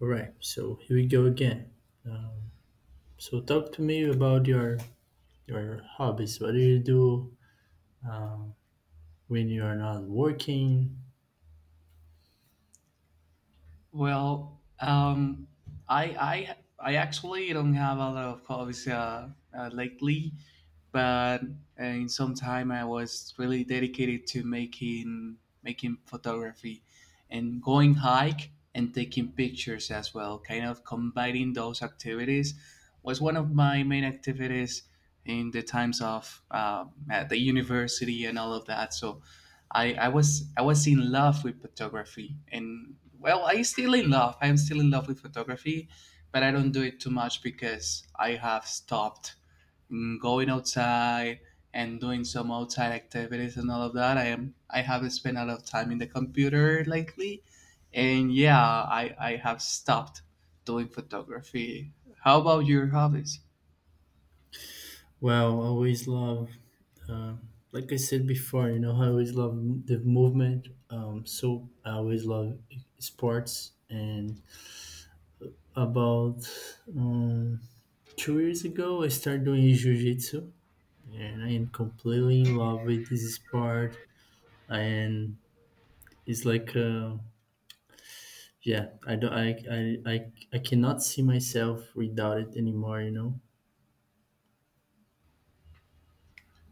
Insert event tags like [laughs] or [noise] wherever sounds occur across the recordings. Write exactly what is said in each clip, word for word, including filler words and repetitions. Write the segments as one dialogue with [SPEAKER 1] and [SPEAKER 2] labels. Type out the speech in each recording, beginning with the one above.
[SPEAKER 1] All right, so here we go again. So talk to me about your your hobbies. What do you do when you are not working?
[SPEAKER 2] Well, um, I I I actually don't have a lot of hobbies uh, uh, lately but uh, in some time I was really dedicated to making making photography and going hike and taking pictures as well. Kind of combining those activities was one of my main activities in the times of uh, at the university and all of that. So I, I was I was in love with photography and well I still in love. I'm still in love with photography, but I don't do it too much because I have stopped mm, going outside and doing some outside activities and all of that. I am I have spent a lot of time in the computer lately, and yeah, I I have stopped doing photography. How about your hobbies?
[SPEAKER 1] Well, I always love, um, like I said before, you know, I always love m- the movement. Um, so I always love, e, sports. And about um, two years ago, I started doing jujitsu, and I am completely in love with this sport. And it's like a Yeah, I don't. I, I I I cannot see myself without it anymore. You know.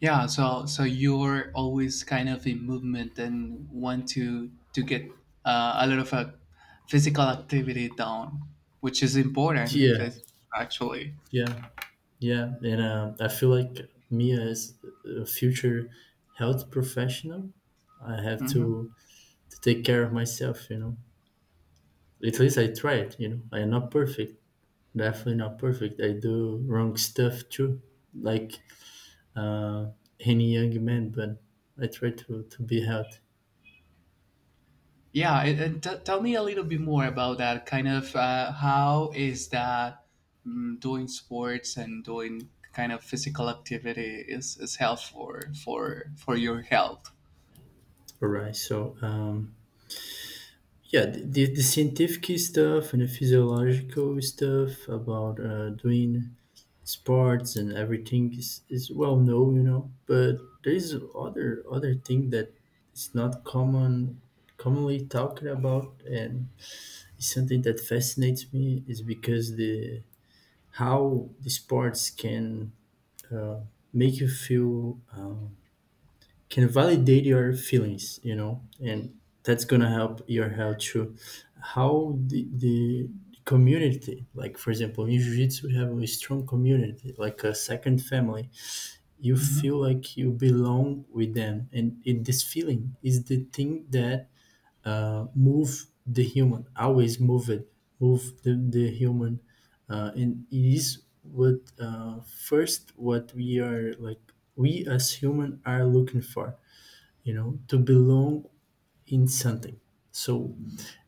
[SPEAKER 2] Yeah, so so you're always kind of in movement and want to to get uh, a lot of uh, physical activity down, which is important
[SPEAKER 1] Yeah,
[SPEAKER 2] if it's actually.
[SPEAKER 1] yeah, yeah. And um, I feel like me as a future health professional, I have to to take care of myself. You know. At least I tried. You know. I'm not perfect. Definitely not perfect. I do wrong stuff too, like, uh, any young man. But I try to to be healthy.
[SPEAKER 2] Yeah, and, and t- tell me a little bit more about that. Kind of uh, how is that mm, doing sports and doing kind of physical activity is, is helpful for for your health.
[SPEAKER 1] All right. So, um, yeah, the, the, the scientific stuff and the physiological stuff about uh, doing sports and everything is, is well known, you know. But there is other other thing that is not common commonly talked about, and it's something that fascinates me is because the how the sports can, uh, make you feel, uh, can validate your feelings you know and that's gonna help your health too. How the, the community, like for example in jiu-jitsu, we have a strong community like a second family. You
[SPEAKER 2] Mhm.
[SPEAKER 1] feel like you belong with them, and it this feeling is the thing that, uh, move the human, always move it, move the, the human, uh, and it is what, uh, first, what we are like, we as human are looking for you know to belong in something. So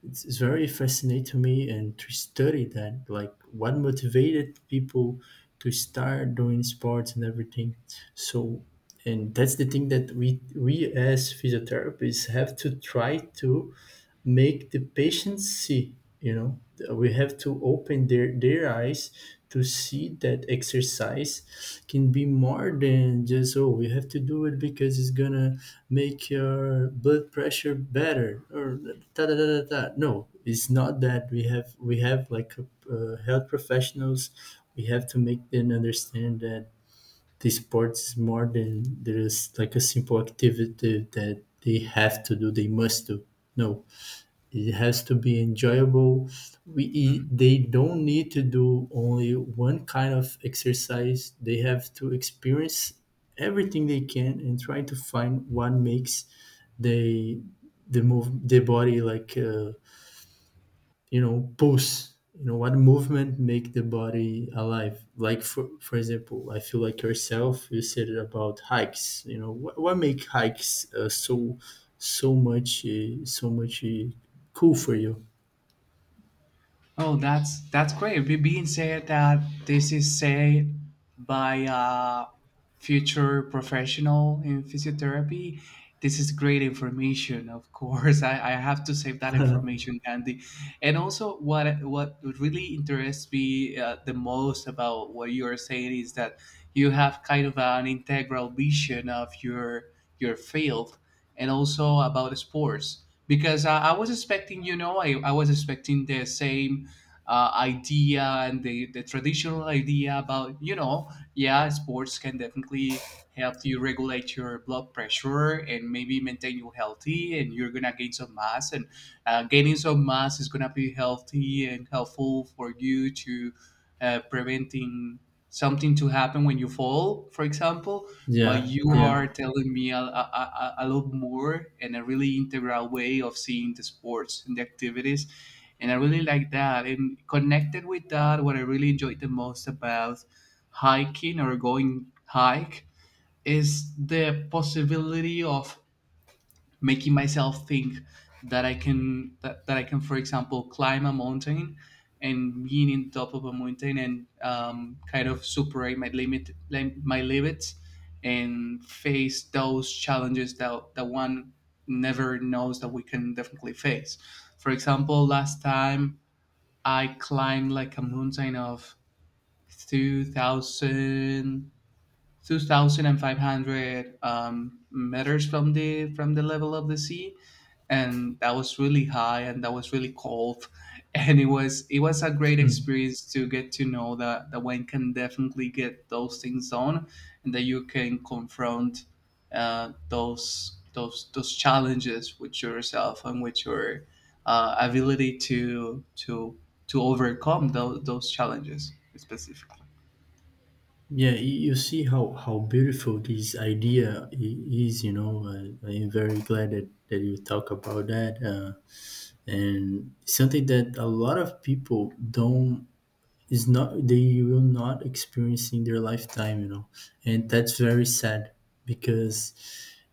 [SPEAKER 1] it's, it's very fascinating to me, and to study that, like what motivated people to start doing sports and everything. So, and that's the thing that we we as physiotherapists have to try to make the patients see you know we have to open their their eyes to see that exercise can be more than just, oh, we have to do it because it's gonna make your blood pressure better, or da da da da da. No, it's not that. We have we have, like, uh, health professionals, we have to make them understand that this sport is more than, there is like a simple activity that they have to do, they must do. No, it has to be enjoyable. We e- they don't need to do only one kind of exercise. They have to experience everything they can and try to find what makes they the move the body, like, uh, you know pulse. You know what movement make the body alive. Like, for for example, I feel like yourself. You said about hikes. You know what what make hikes, uh, so so much uh, so much uh, cool for you.
[SPEAKER 2] Oh, that's that's great. We being said that this is said by a future professional in physiotherapy. This is great information, of course. [laughs] I, I have to save that information handy. And also, what what really interests me uh, the most about what you are saying is that you have kind of an integral vision of your your field, and also about sports. Because I, I was expecting, you know, I, I was expecting the same uh, idea and the, the traditional idea about, you know, yeah, sports can definitely help you regulate your blood pressure and maybe maintain you healthy, and you're gonna gain some mass and uh, gaining some mass is gonna be healthy and helpful for you to uh, preventing something to happen when you fall, for example. But
[SPEAKER 1] Yeah,
[SPEAKER 2] you are
[SPEAKER 1] yeah.
[SPEAKER 2] telling me a, a, a, a lot more and a really integral way of seeing the sports and the activities, and I really like that. And connected with that, what I really enjoyed the most about hiking or going hike is the possibility of making myself think that I can that, that I can, for example, climb a mountain and being in top of a mountain and um, kind of superate my limit lim- my limits and face those challenges that, that one never knows that we can definitely face. For example, last time I climbed like a mountain of two thousand two thousand five hundred um, meters from the from the level of the sea, and that was really high and that was really cold, [laughs] and it was it was a great
[SPEAKER 1] Mm.
[SPEAKER 2] experience to get to know that that one can definitely get those things done, and that you can confront uh, those those those challenges with yourself and with your uh, ability to to to overcome those those challenges specifically.
[SPEAKER 1] Yeah. y- You see how how beautiful this idea, i- is, you know. Uh, I'm very glad that that you talk about that, uh, and something that a lot of people don't, is not, they will not experience in their lifetime, you know, and that's very sad because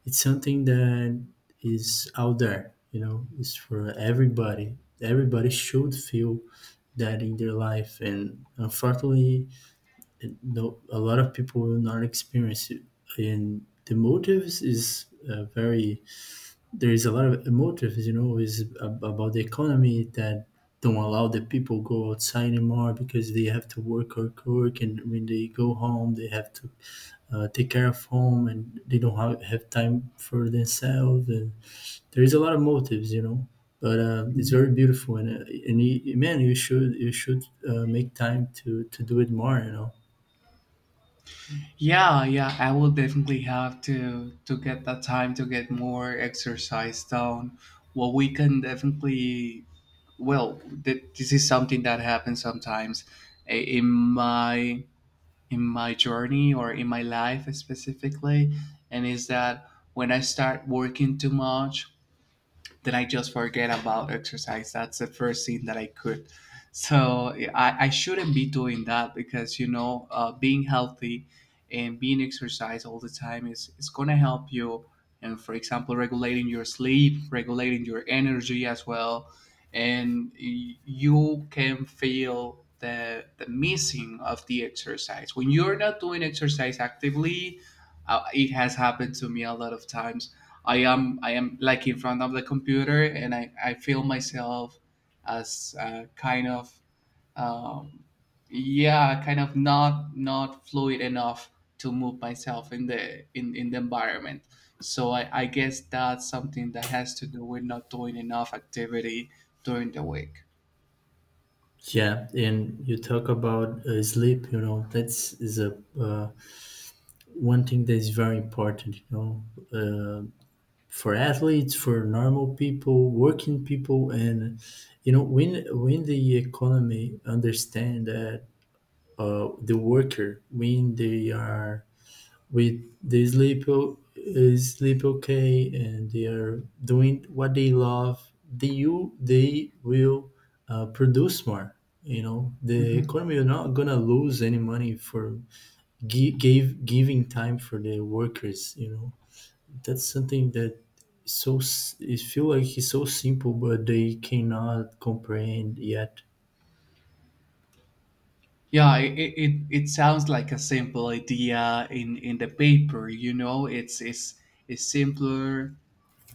[SPEAKER 1] it's something that is out there, you know. It's for everybody. Everybody should feel that in their life, and unfortunately, and no, a lot of people will not experience it. And the motives is, uh, very, there is a lot of motives, you know, is ab- about the economy that don't allow the people go outside anymore because they have to work or work, and when they go home, they have to, uh, take care of home, and they don't have, have time for themselves. And there is a lot of motives, you know. But, uh, it's very beautiful, and uh, and you, man, you should you should, uh, make time to to do it more, you know
[SPEAKER 2] Yeah, yeah, I will definitely have to to get that time to get more exercise down. Well, we can definitely. Well, th- this is something that happens sometimes i- in my in my journey or in my life specifically, and is that when I start working too much then I just forget about exercise. That's the first thing that I could. So I, I shouldn't be doing that because, you know, uh, being healthy and being exercise all the time is is gonna help you. And, for example, regulating your sleep, regulating your energy as well, and y- you can feel the the missing of the exercise when you're not doing exercise actively. Uh, it has happened to me a lot of times. I am I am like in front of the computer and I, I feel myself as uh, kind of um, yeah, kind of not not fluid enough to move myself in the in, in the environment, so I, I guess that's something that has to do with not doing enough activity during the week.
[SPEAKER 1] Yeah, and you talk about, uh, sleep. You know, that's is a, uh, one thing that is very important. You know, uh, for athletes, for normal people, working people, and you know, when when the economy understand that, uh, the worker, when they are with the sleep, uh, sleep okay, and they are doing what they love, they you they will, uh, produce more. You know the
[SPEAKER 2] Hmm.
[SPEAKER 1] economy are not gonna lose any money for gi- gave giving time for the workers. You know that's something that is so, s- it feel like it's so simple, but they cannot comprehend yet.
[SPEAKER 2] Yeah, it, it, it it sounds like a simple idea in in the paper, you know, it's it's it's simpler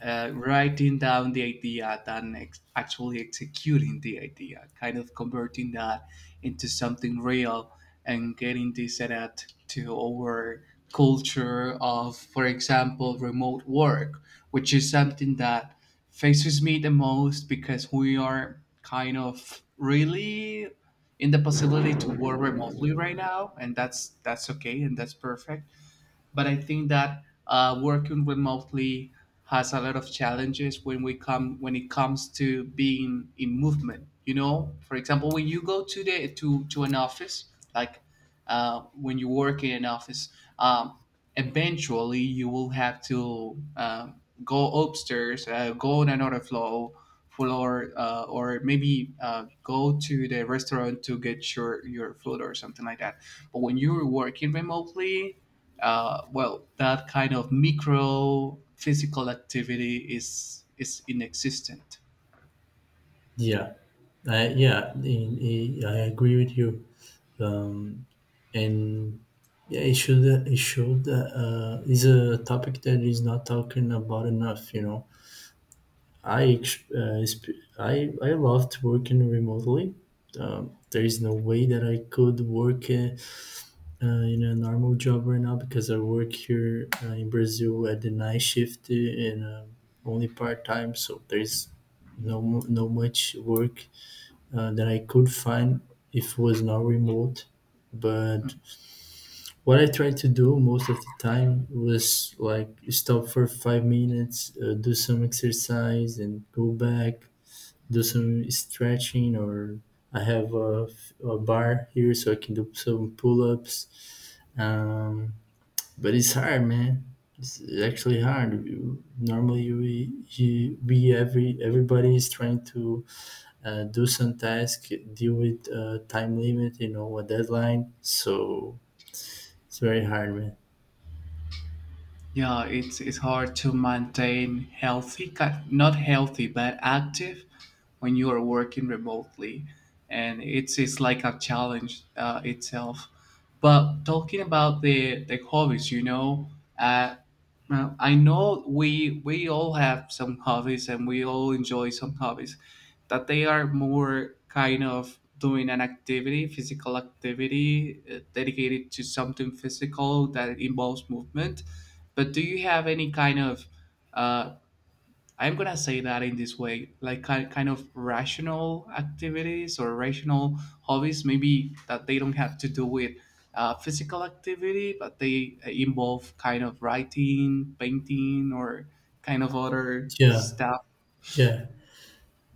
[SPEAKER 2] uh, writing down the idea than ex- actually executing the idea, kind of converting that into something real and getting this adapt to our culture of, for example, remote work, which is something that faces me the most because we are kind of really in the possibility to work remotely right now and that's that's okay and that's perfect. But I think that uh, working remotely has a lot of challenges when we come when it comes to being in movement. You know, for example, when you go to the to to an office, like uh, when you work in an office, um, eventually you will have to uh, go upstairs, uh, go on another floor, floor, uh, or maybe uh, go to the restaurant to get your your food or something like that. But when you're working remotely, uh, well, that kind of micro physical activity is is inexistent.
[SPEAKER 1] Yeah, I, yeah in, in- i agree with you. And yeah, it should. It should. Uh, is a topic that is not talking about enough. You know, I ex- uh, exp- I I loved working remotely. Um, there is no way that I could work, uh, uh, in a normal job right now because I work here, uh, in Brazil at the night shift uh, and uh, only part time. So there is no mu- no much work, uh, that I could find if it was not remote. But what I tried to do most of the time was, like, stop for five minutes, uh, do some exercise, and go back, do some stretching. Or I have a, a bar here, so I can do some pull ups. Um, but it's hard, man. It's actually hard. You- Normally, we you, we every everybody is trying to, uh, do some task, deal with, uh, time limit, you know, a deadline. So it's very hard, man.
[SPEAKER 2] Yeah, it's it's hard to maintain healthy, ki- not healthy, but active when you are working remotely, and it's it's like a challenge uh, itself. But talking about the the hobbies, you know, uh, uh, I know we we all have some hobbies and we all enjoy some hobbies that they are more kind of doing an activity, physical activity uh, dedicated to something physical that involves movement. But do you have any kind of uh, I'm gonna say that in this way, like kind kind of rational activities or rational hobbies, maybe that they don't have to do with uh, physical activity, but they uh, involve kind of writing, painting, or kind of other
[SPEAKER 1] Yeah,
[SPEAKER 2] stuff?
[SPEAKER 1] yeah.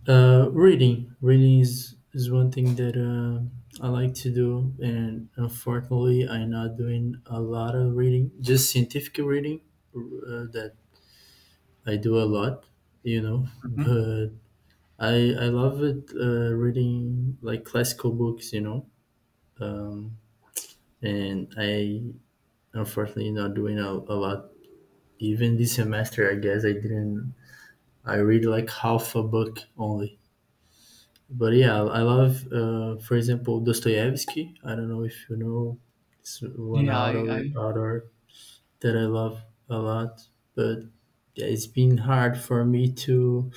[SPEAKER 1] Uh, reading, reading is is one thing that, uh I like to do, and, unfortunately, I'm not doing a lot of reading. Just scientific reading, uh, that I do a lot, you know.
[SPEAKER 2] Mhm.
[SPEAKER 1] But I I love it, uh, reading like classical books, you know. Um, and I, unfortunately, not doing a, a lot. Even this semester, I guess I didn't. I read like half a book only. But yeah, I love, uh, for example, Dostoevsky. I don't know if you know, it's one
[SPEAKER 2] Yeah, I, I
[SPEAKER 1] author, author that I love a lot. But yeah, it's been hard for me to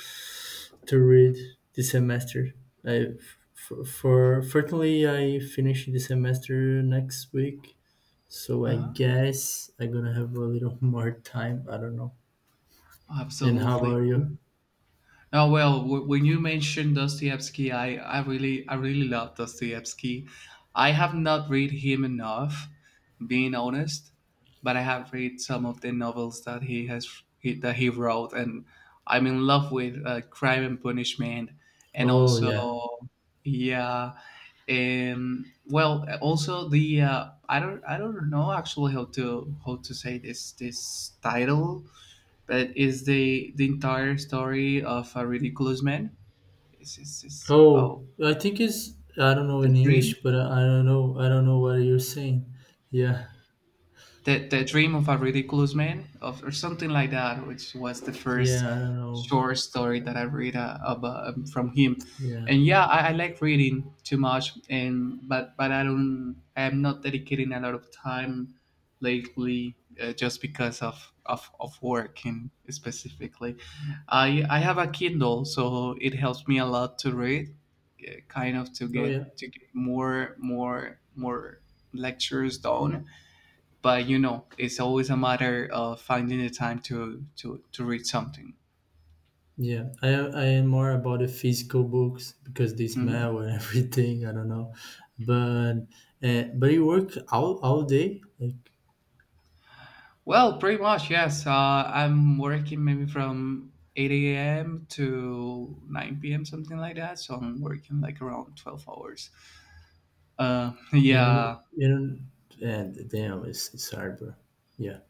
[SPEAKER 1] to read this semester. I for, for fortunately I finish the semester next week, so I
[SPEAKER 2] uh
[SPEAKER 1] guess I'm gonna have a little [laughs] more time. I don't know. And how
[SPEAKER 2] absolutely.
[SPEAKER 1] about you?
[SPEAKER 2] Oh well, w- when you mentioned Dostoevsky, I, I really I really love Dostoevsky. I have not read him enough, being honest, but I have read some of the novels that he has he, that he wrote, and I'm in love with uh, Crime and Punishment, and
[SPEAKER 1] Oh yeah.
[SPEAKER 2] also yeah, um, well, also the uh, I don't I don't know actually how to how to say this this title that is the the entire story of a ridiculous man. This is is how
[SPEAKER 1] Oh, I think it's, I don't know
[SPEAKER 2] the
[SPEAKER 1] in
[SPEAKER 2] dream,
[SPEAKER 1] English, but I, I don't know I don't know what you're saying. Yeah,
[SPEAKER 2] the, the dream of a ridiculous man, of, or something like that, which was the first
[SPEAKER 1] yeah, I don't know.
[SPEAKER 2] short story that I read uh, about, um, from him.
[SPEAKER 1] Yeah.
[SPEAKER 2] And yeah, I, I like reading too much, and but but I don't, I am not dedicating a lot of time lately uh, just because of, of of work, and specifically i i have a kindle, so it helps me a lot to read uh, kind of to
[SPEAKER 1] Oh
[SPEAKER 2] get
[SPEAKER 1] yeah,
[SPEAKER 2] to get more more more lectures done. But you know, it's always a matter of finding the time to to to read something.
[SPEAKER 1] yeah. I I am more about the physical books because they
[SPEAKER 2] Mhm.
[SPEAKER 1] smell and [laughs] everything. I don't know, but uh, but you work all all day, like.
[SPEAKER 2] Well, pretty much yes. Uh, I'm working maybe from eight a.m to nine p.m, something like that, so I'm working like around twelve hours, uh, [laughs]
[SPEAKER 1] and
[SPEAKER 2] yeah.
[SPEAKER 1] you know and damn, it's it's hard, bro. Yeah.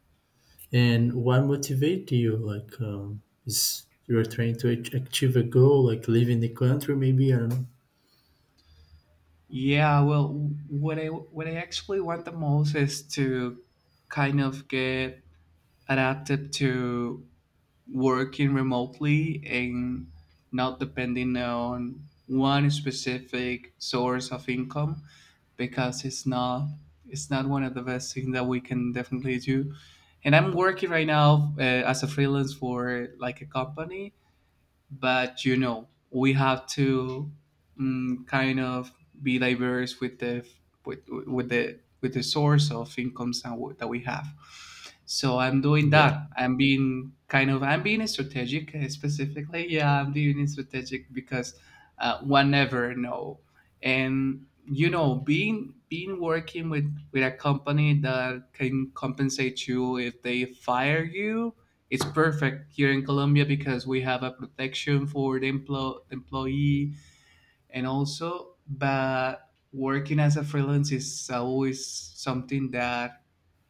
[SPEAKER 1] And what motivates you? Like, um, is you're trying to ach- achieve a goal, like leaving the country, maybe, I don't know.
[SPEAKER 2] Yeah, well, what I what I actually want the most is to kind of get adapted to working remotely and not depending on one specific source of income, because it's not it's not one of the best things that we can definitely do. And I'm working right now uh, as a freelance for like a company, but you know we have to mm, kind of be diverse with the with with the with the source of incomes that we that we have. So I'm doing
[SPEAKER 1] Yeah.
[SPEAKER 2] that. I'm being kind of I'm being strategic uh, specifically. Yeah, I'm being strategic because uh, one never know. And you know, being being working with with a company that can compensate you if they fire you, it's perfect here in Colombia because we have a protection for the emplo- employee. And also, but working as a freelance is always something that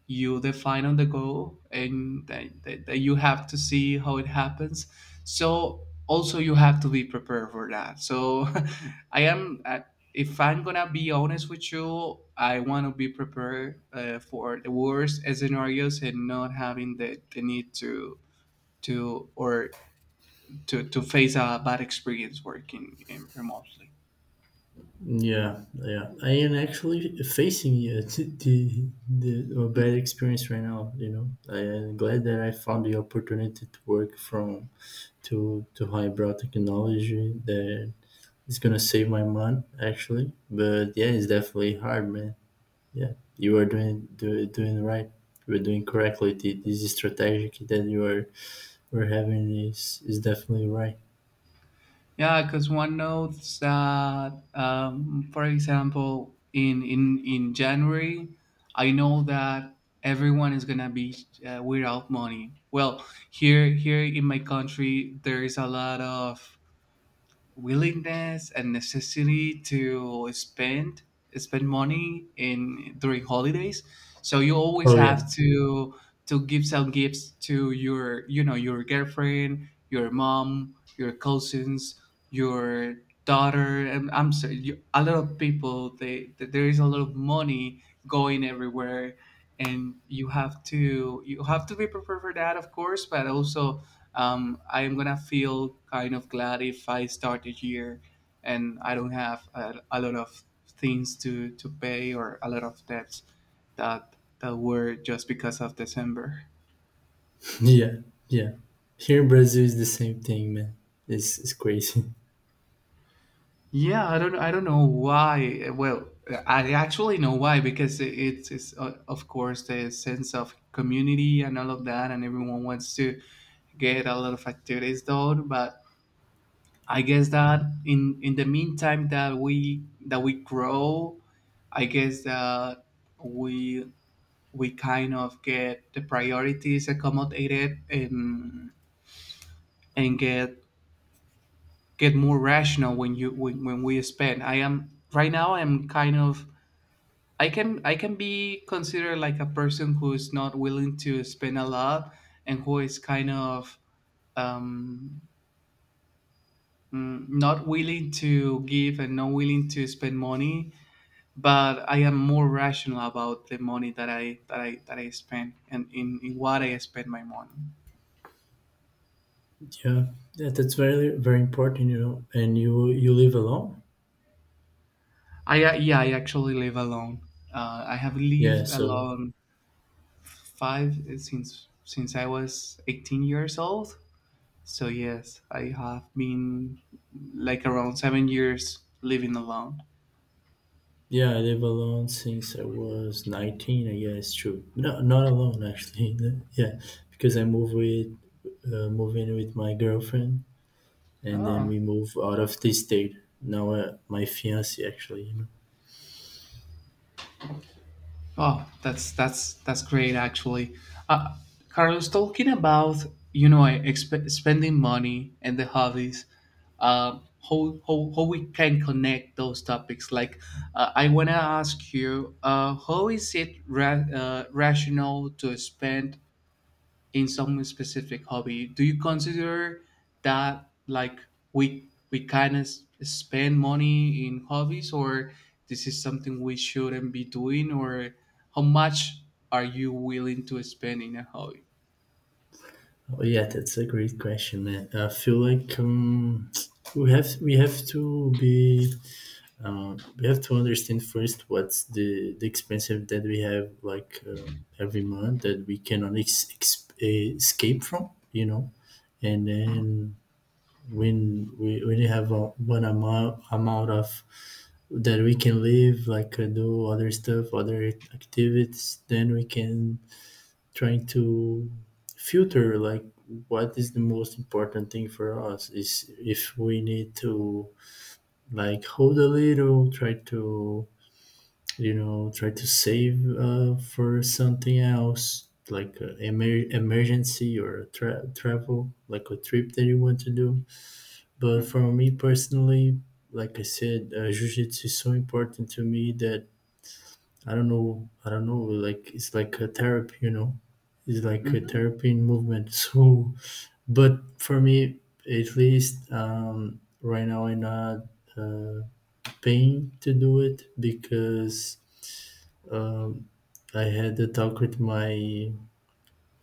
[SPEAKER 2] you define on the go and that, that, that you have to see how it happens. So also you have to be prepared for that, so [laughs] I am uh, if I'm gonna be honest with you, I want to be prepared uh, for the worst scenarios and not having the, the need to to or to, to face a bad experience working in remotely.
[SPEAKER 1] Yeah, yeah. I am actually facing, uh, [laughs] the, the a bad
[SPEAKER 2] Mhm.
[SPEAKER 1] experience right now. You know, I am glad that I found the opportunity to work from, to to highbrow technology, that is gonna save my money actually. But yeah, it's definitely hard, man. Yeah, you are doing do, doing right. You are doing correctly. The, this strategy that you are we're having is is definitely right.
[SPEAKER 2] Yeah, because one notes that, um, for example, in, in in January, I know that everyone is gonna be uh, without money. Well, here here in my country, there is a lot of willingness and necessity to spend spend money in during holidays so you always
[SPEAKER 1] Oh yeah.
[SPEAKER 2] have to to give some gifts to your you know your girlfriend, your mom, your cousins, your daughter. And I'm sorry you, a lot of people, they th- there is a lot of money going everywhere and you have to you have to be prepared for that, of course, but also um, I'm gonna feel kind of glad if I start the year and I don't have a, a lot of things to, to pay or a lot of debts that that were just because of December.
[SPEAKER 1] Yeah, yeah. Here in Brazil is the same thing, man. It's, it's crazy. [laughs]
[SPEAKER 2] Yeah, I don't I don't know why. Well, I actually know why, because it- it's, it's uh, of course the sense of community and all of that, and everyone wants to get a lot of activities done. But I guess that in in the meantime that we that we grow, I guess that we we kind of get the priorities accommodated and and get get more rational when you when, when we spend. I am right now I'm kind of I can I can be considered like a person who is not willing to spend a lot and who is kind of um, mm, not willing to give and not willing to spend money, but I am more rational about the money that I that I that I spend and in, in what I spend my money.
[SPEAKER 1] Yeah, yeah, that's very very important, you know. And you you live alone?
[SPEAKER 2] I uh, Yeah, I actually live alone. Uh, I have
[SPEAKER 1] Yeah,
[SPEAKER 2] lived
[SPEAKER 1] so
[SPEAKER 2] alone five uh, since since I was eighteen years old. So yes, I have been like around seven years living alone.
[SPEAKER 1] yeah, I live alone since I was nineteen, I guess, true. No, not alone actually. [laughs] Yeah, because I moved with uh, move in with my girlfriend, and then
[SPEAKER 2] Oh.
[SPEAKER 1] we move out of the state. Now, uh, my fiance actually.
[SPEAKER 2] Oh, that's that's that's great actually. Uh, Carlos, talking about you know exp- spending money and the hobbies, uh, how, how how we can connect those topics. Like, uh, I wanna ask you, uh, how is it ra- uh, rational to spend in some specific hobby? Do you consider that, like, we we kind of spend money in hobbies, or this is something we shouldn't be doing, or how much are you willing to spend in a hobby?
[SPEAKER 1] Oh yeah, that's a great question, man. I feel like, um, [tsk] we have we have to be, um, we have to understand first what's the the expense that we have, like, uh, every month, that we cannot ex- ex- eh, escape from, you know. And then, when we when you have a, one amount amount of that we can live, like, uh, do other stuff, other activities, then we can trying to filter, like, what is the most important thing for us, is if we need to, like, hold a little, try to, you know try to save, uh, for something else, like, uh, emer- emergency or a tra- travel, like a trip that you want to do. But for
[SPEAKER 2] Hmm.
[SPEAKER 1] me personally, like I said, uh, jiu-jitsu is so important to me that I don't know. I don't know. Like, it's like a therapy, you know. It's like a
[SPEAKER 2] Hmm.
[SPEAKER 1] therapy in movement. [laughs] So, but for me, at least, um, right now, I'm not, uh, paying to do it because, um, I had the talk with my,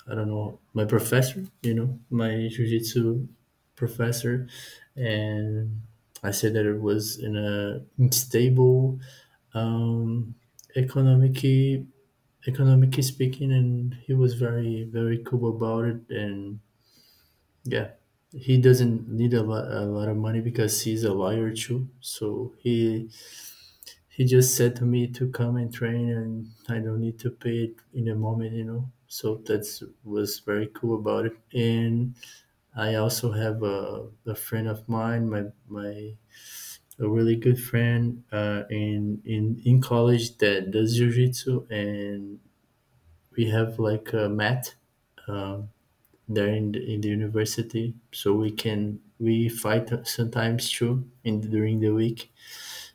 [SPEAKER 1] I don't know, my professor. You know, my jujitsu professor, and I said that it was in a unstable, um, economic economically speaking, and he was very very cool about it, and yeah, he doesn't need a lot, a lot of money because he's a liar too, so he he just said to me to come and train, and I don't need to pay it in the moment, you know so that's was very cool about it. And I also have a, a friend of mine, my my a really good friend, uh, in in in college, that does jiu-jitsu. And we have like a mat, um, there in the, in the university, so we can we fight sometimes too in during the week.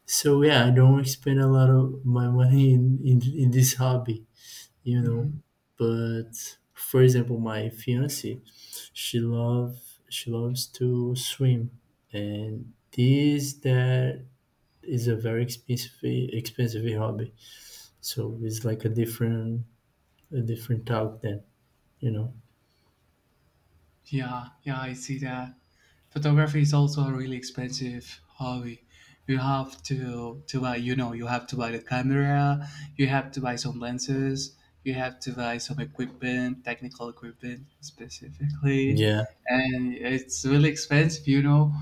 [SPEAKER 1] So yeah, I don't spend a lot of my money in in, in this hobby, you know but, for example, my fiance, she love she loves to swim, and this that is a very expensive expensive hobby. So it's like a different, a different talk then, you know
[SPEAKER 2] Yeah, yeah, I see that. Photography is also a really expensive hobby. You have to to buy, you know, you have to buy the camera, you have to buy some lenses, you have to buy some equipment, technical equipment specifically,
[SPEAKER 1] yeah,
[SPEAKER 2] and it's really expensive, you know.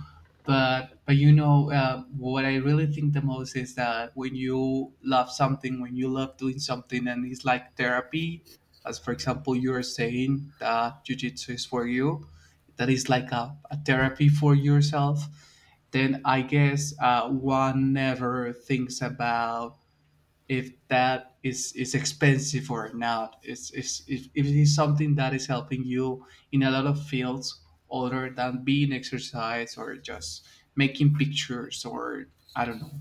[SPEAKER 2] But but you know uh, what I really think the most is that when you love something, when you love doing something, and it's like therapy, as for example you are saying that jujitsu is for you, that is like a, a therapy for yourself, then I guess uh, one never thinks about if that is is expensive or not. It's, it's if, if it is something that is helping you in a lot of fields other than being exercise or just making pictures or I don't know,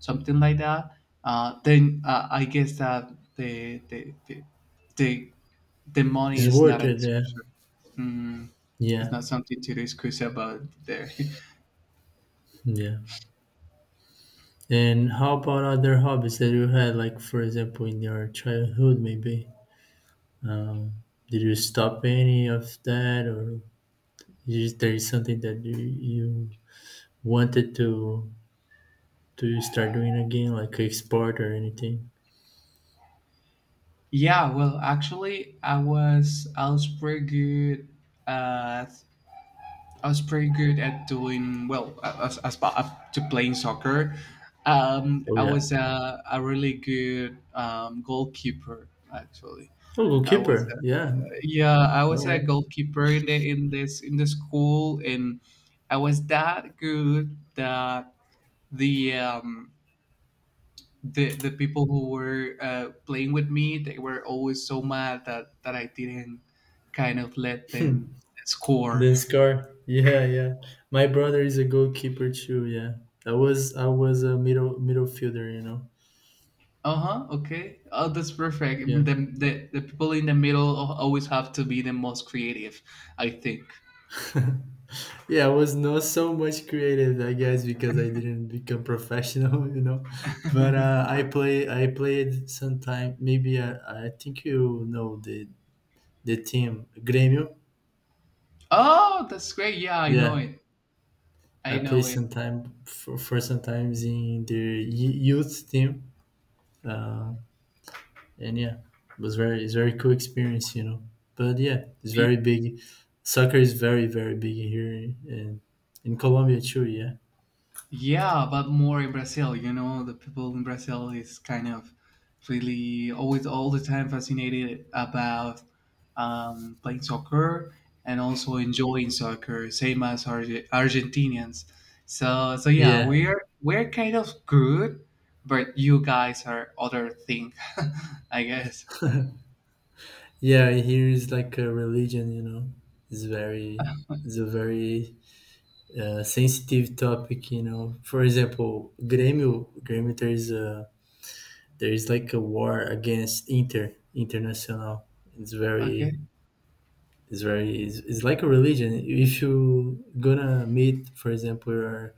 [SPEAKER 2] something like that, uh, then uh, I guess that the the, the the the money
[SPEAKER 1] it's
[SPEAKER 2] is not
[SPEAKER 1] worth
[SPEAKER 2] a
[SPEAKER 1] it. Yeah,
[SPEAKER 2] discussion. mm, it's
[SPEAKER 1] yeah.
[SPEAKER 2] not something to discuss about there.
[SPEAKER 1] Yeah. And how about other hobbies that you had, like for example, in your childhood, maybe? Um, did you stop any of that, or is there is something that you, you wanted to to start doing again, like a sport or anything?
[SPEAKER 2] [laughs] Yeah, well, actually i was I was pretty good at. I was pretty good at doing well as, as up to playing soccer. Um,
[SPEAKER 1] Oh
[SPEAKER 2] I
[SPEAKER 1] yeah.
[SPEAKER 2] was a, a really good um, goalkeeper actually.
[SPEAKER 1] Oh,
[SPEAKER 2] I was
[SPEAKER 1] goalkeeper.
[SPEAKER 2] a,
[SPEAKER 1] Yeah.
[SPEAKER 2] yeah, I
[SPEAKER 1] All
[SPEAKER 2] was a
[SPEAKER 1] right.
[SPEAKER 2] goalkeeper in the in this in the school, and I was that good that the um, the the people who were uh, playing with me, they were always so mad that that I didn't kind of let them score.
[SPEAKER 1] Then score. [laughs] Yeah, yeah. My brother is a goalkeeper too. Yeah. I was I was a middle middle fielder. You know.
[SPEAKER 2] Uh-huh, okay. Oh, that's perfect. Mm.
[SPEAKER 1] Yeah.
[SPEAKER 2] The, the, the people in the middle al- always have to be the most creative, I think.
[SPEAKER 1] Yeah, I was not so much creative, I guess, because I didn't become professional, [laughs] you know. But, uh, I play, I played sometime. Maybe, I, I think you know the the team Grêmio.
[SPEAKER 2] Oh, that's great. Yeah, I know
[SPEAKER 1] Yeah,
[SPEAKER 2] it.
[SPEAKER 1] I
[SPEAKER 2] I
[SPEAKER 1] play
[SPEAKER 2] know it.
[SPEAKER 1] sometime for for sometimes in the y- youth team. Uh, and yeah, it was very it's very cool experience, you know. But yeah, it's very big. Soccer is very very big here in in Colombia too. Yeah.
[SPEAKER 2] Yeah, but more in Brazil. You know, the people in Brazil is kind of really always all the time fascinated about um, playing soccer and also enjoying soccer, same as Arge- Argentinians. So, so yeah,
[SPEAKER 1] Yeah.
[SPEAKER 2] we're we're kind of good, but you guys are other thing, [laughs] I guess.
[SPEAKER 1] Yeah, here is like a religion, you know. It's very, it's a very uh, sensitive topic, you know. For example, Grêmio, Grêmio, there is a there is like a war against Inter Internacional. It's very
[SPEAKER 2] Okay.
[SPEAKER 1] it's very it's, it's like a religion. If you gonna meet, for example, your,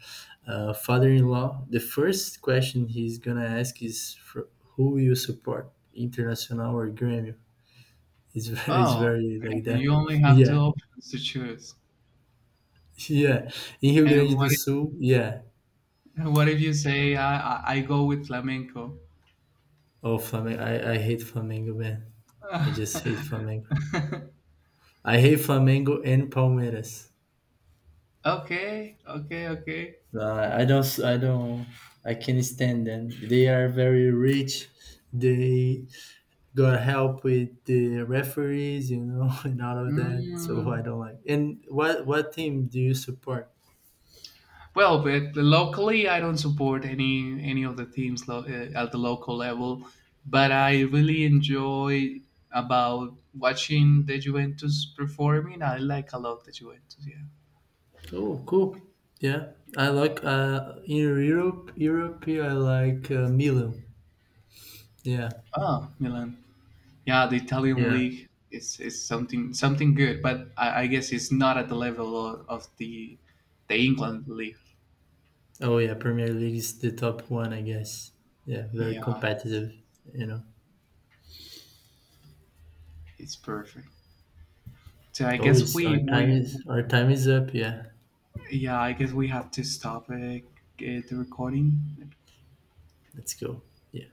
[SPEAKER 1] uh, father-in-law, the first question he's gonna ask is for who you support, Internacional or Grêmio. It's very, [laughs] it's
[SPEAKER 2] Oh,
[SPEAKER 1] very
[SPEAKER 2] and
[SPEAKER 1] like
[SPEAKER 2] you
[SPEAKER 1] that.
[SPEAKER 2] only
[SPEAKER 1] [laughs]
[SPEAKER 2] have two
[SPEAKER 1] Yeah.
[SPEAKER 2] options to choose.
[SPEAKER 1] [laughs] Yeah, in Rio
[SPEAKER 2] And
[SPEAKER 1] Grande do
[SPEAKER 2] what
[SPEAKER 1] Sul, yeah.
[SPEAKER 2] if, what if you say I, I I go with flamenco?
[SPEAKER 1] Oh, Flamengo. I, I hate Flamengo, man. I just hate Flamengo.
[SPEAKER 2] [laughs]
[SPEAKER 1] I hate Flamengo and Palmeiras.
[SPEAKER 2] Okay, okay, okay.
[SPEAKER 1] Uh, I don't. s- I don't. I can't stand them. They are very rich. They got help with the referees, you know, [laughs] and all of that. So
[SPEAKER 2] Mm.
[SPEAKER 1] I don't like. And what what team do you support?
[SPEAKER 2] Well, but locally, I don't support any any of the teams lo- uh, at the local level, but I really enjoy about watching the Juventus performing. I like a lot the Juventus. Yeah.
[SPEAKER 1] Oh, cool. Yeah, I like, uh in Europe. Europe, I like, uh, Milan. Yeah,
[SPEAKER 2] Oh, Milan. Yeah, the Italian
[SPEAKER 1] yeah.
[SPEAKER 2] league is, is something something good, but I, I guess it's not at the level of, of the the England league.
[SPEAKER 1] Oh yeah, Premier League is the top one, I guess. Yeah, very
[SPEAKER 2] Yeah, it's,
[SPEAKER 1] competitive. You know,
[SPEAKER 2] it's perfect. So I guess
[SPEAKER 1] always our
[SPEAKER 2] we
[SPEAKER 1] time
[SPEAKER 2] we
[SPEAKER 1] is our time is up. Yeah,
[SPEAKER 2] yeah, I guess we have to stop uh, uh, the recording.
[SPEAKER 1] let's go. Yeah.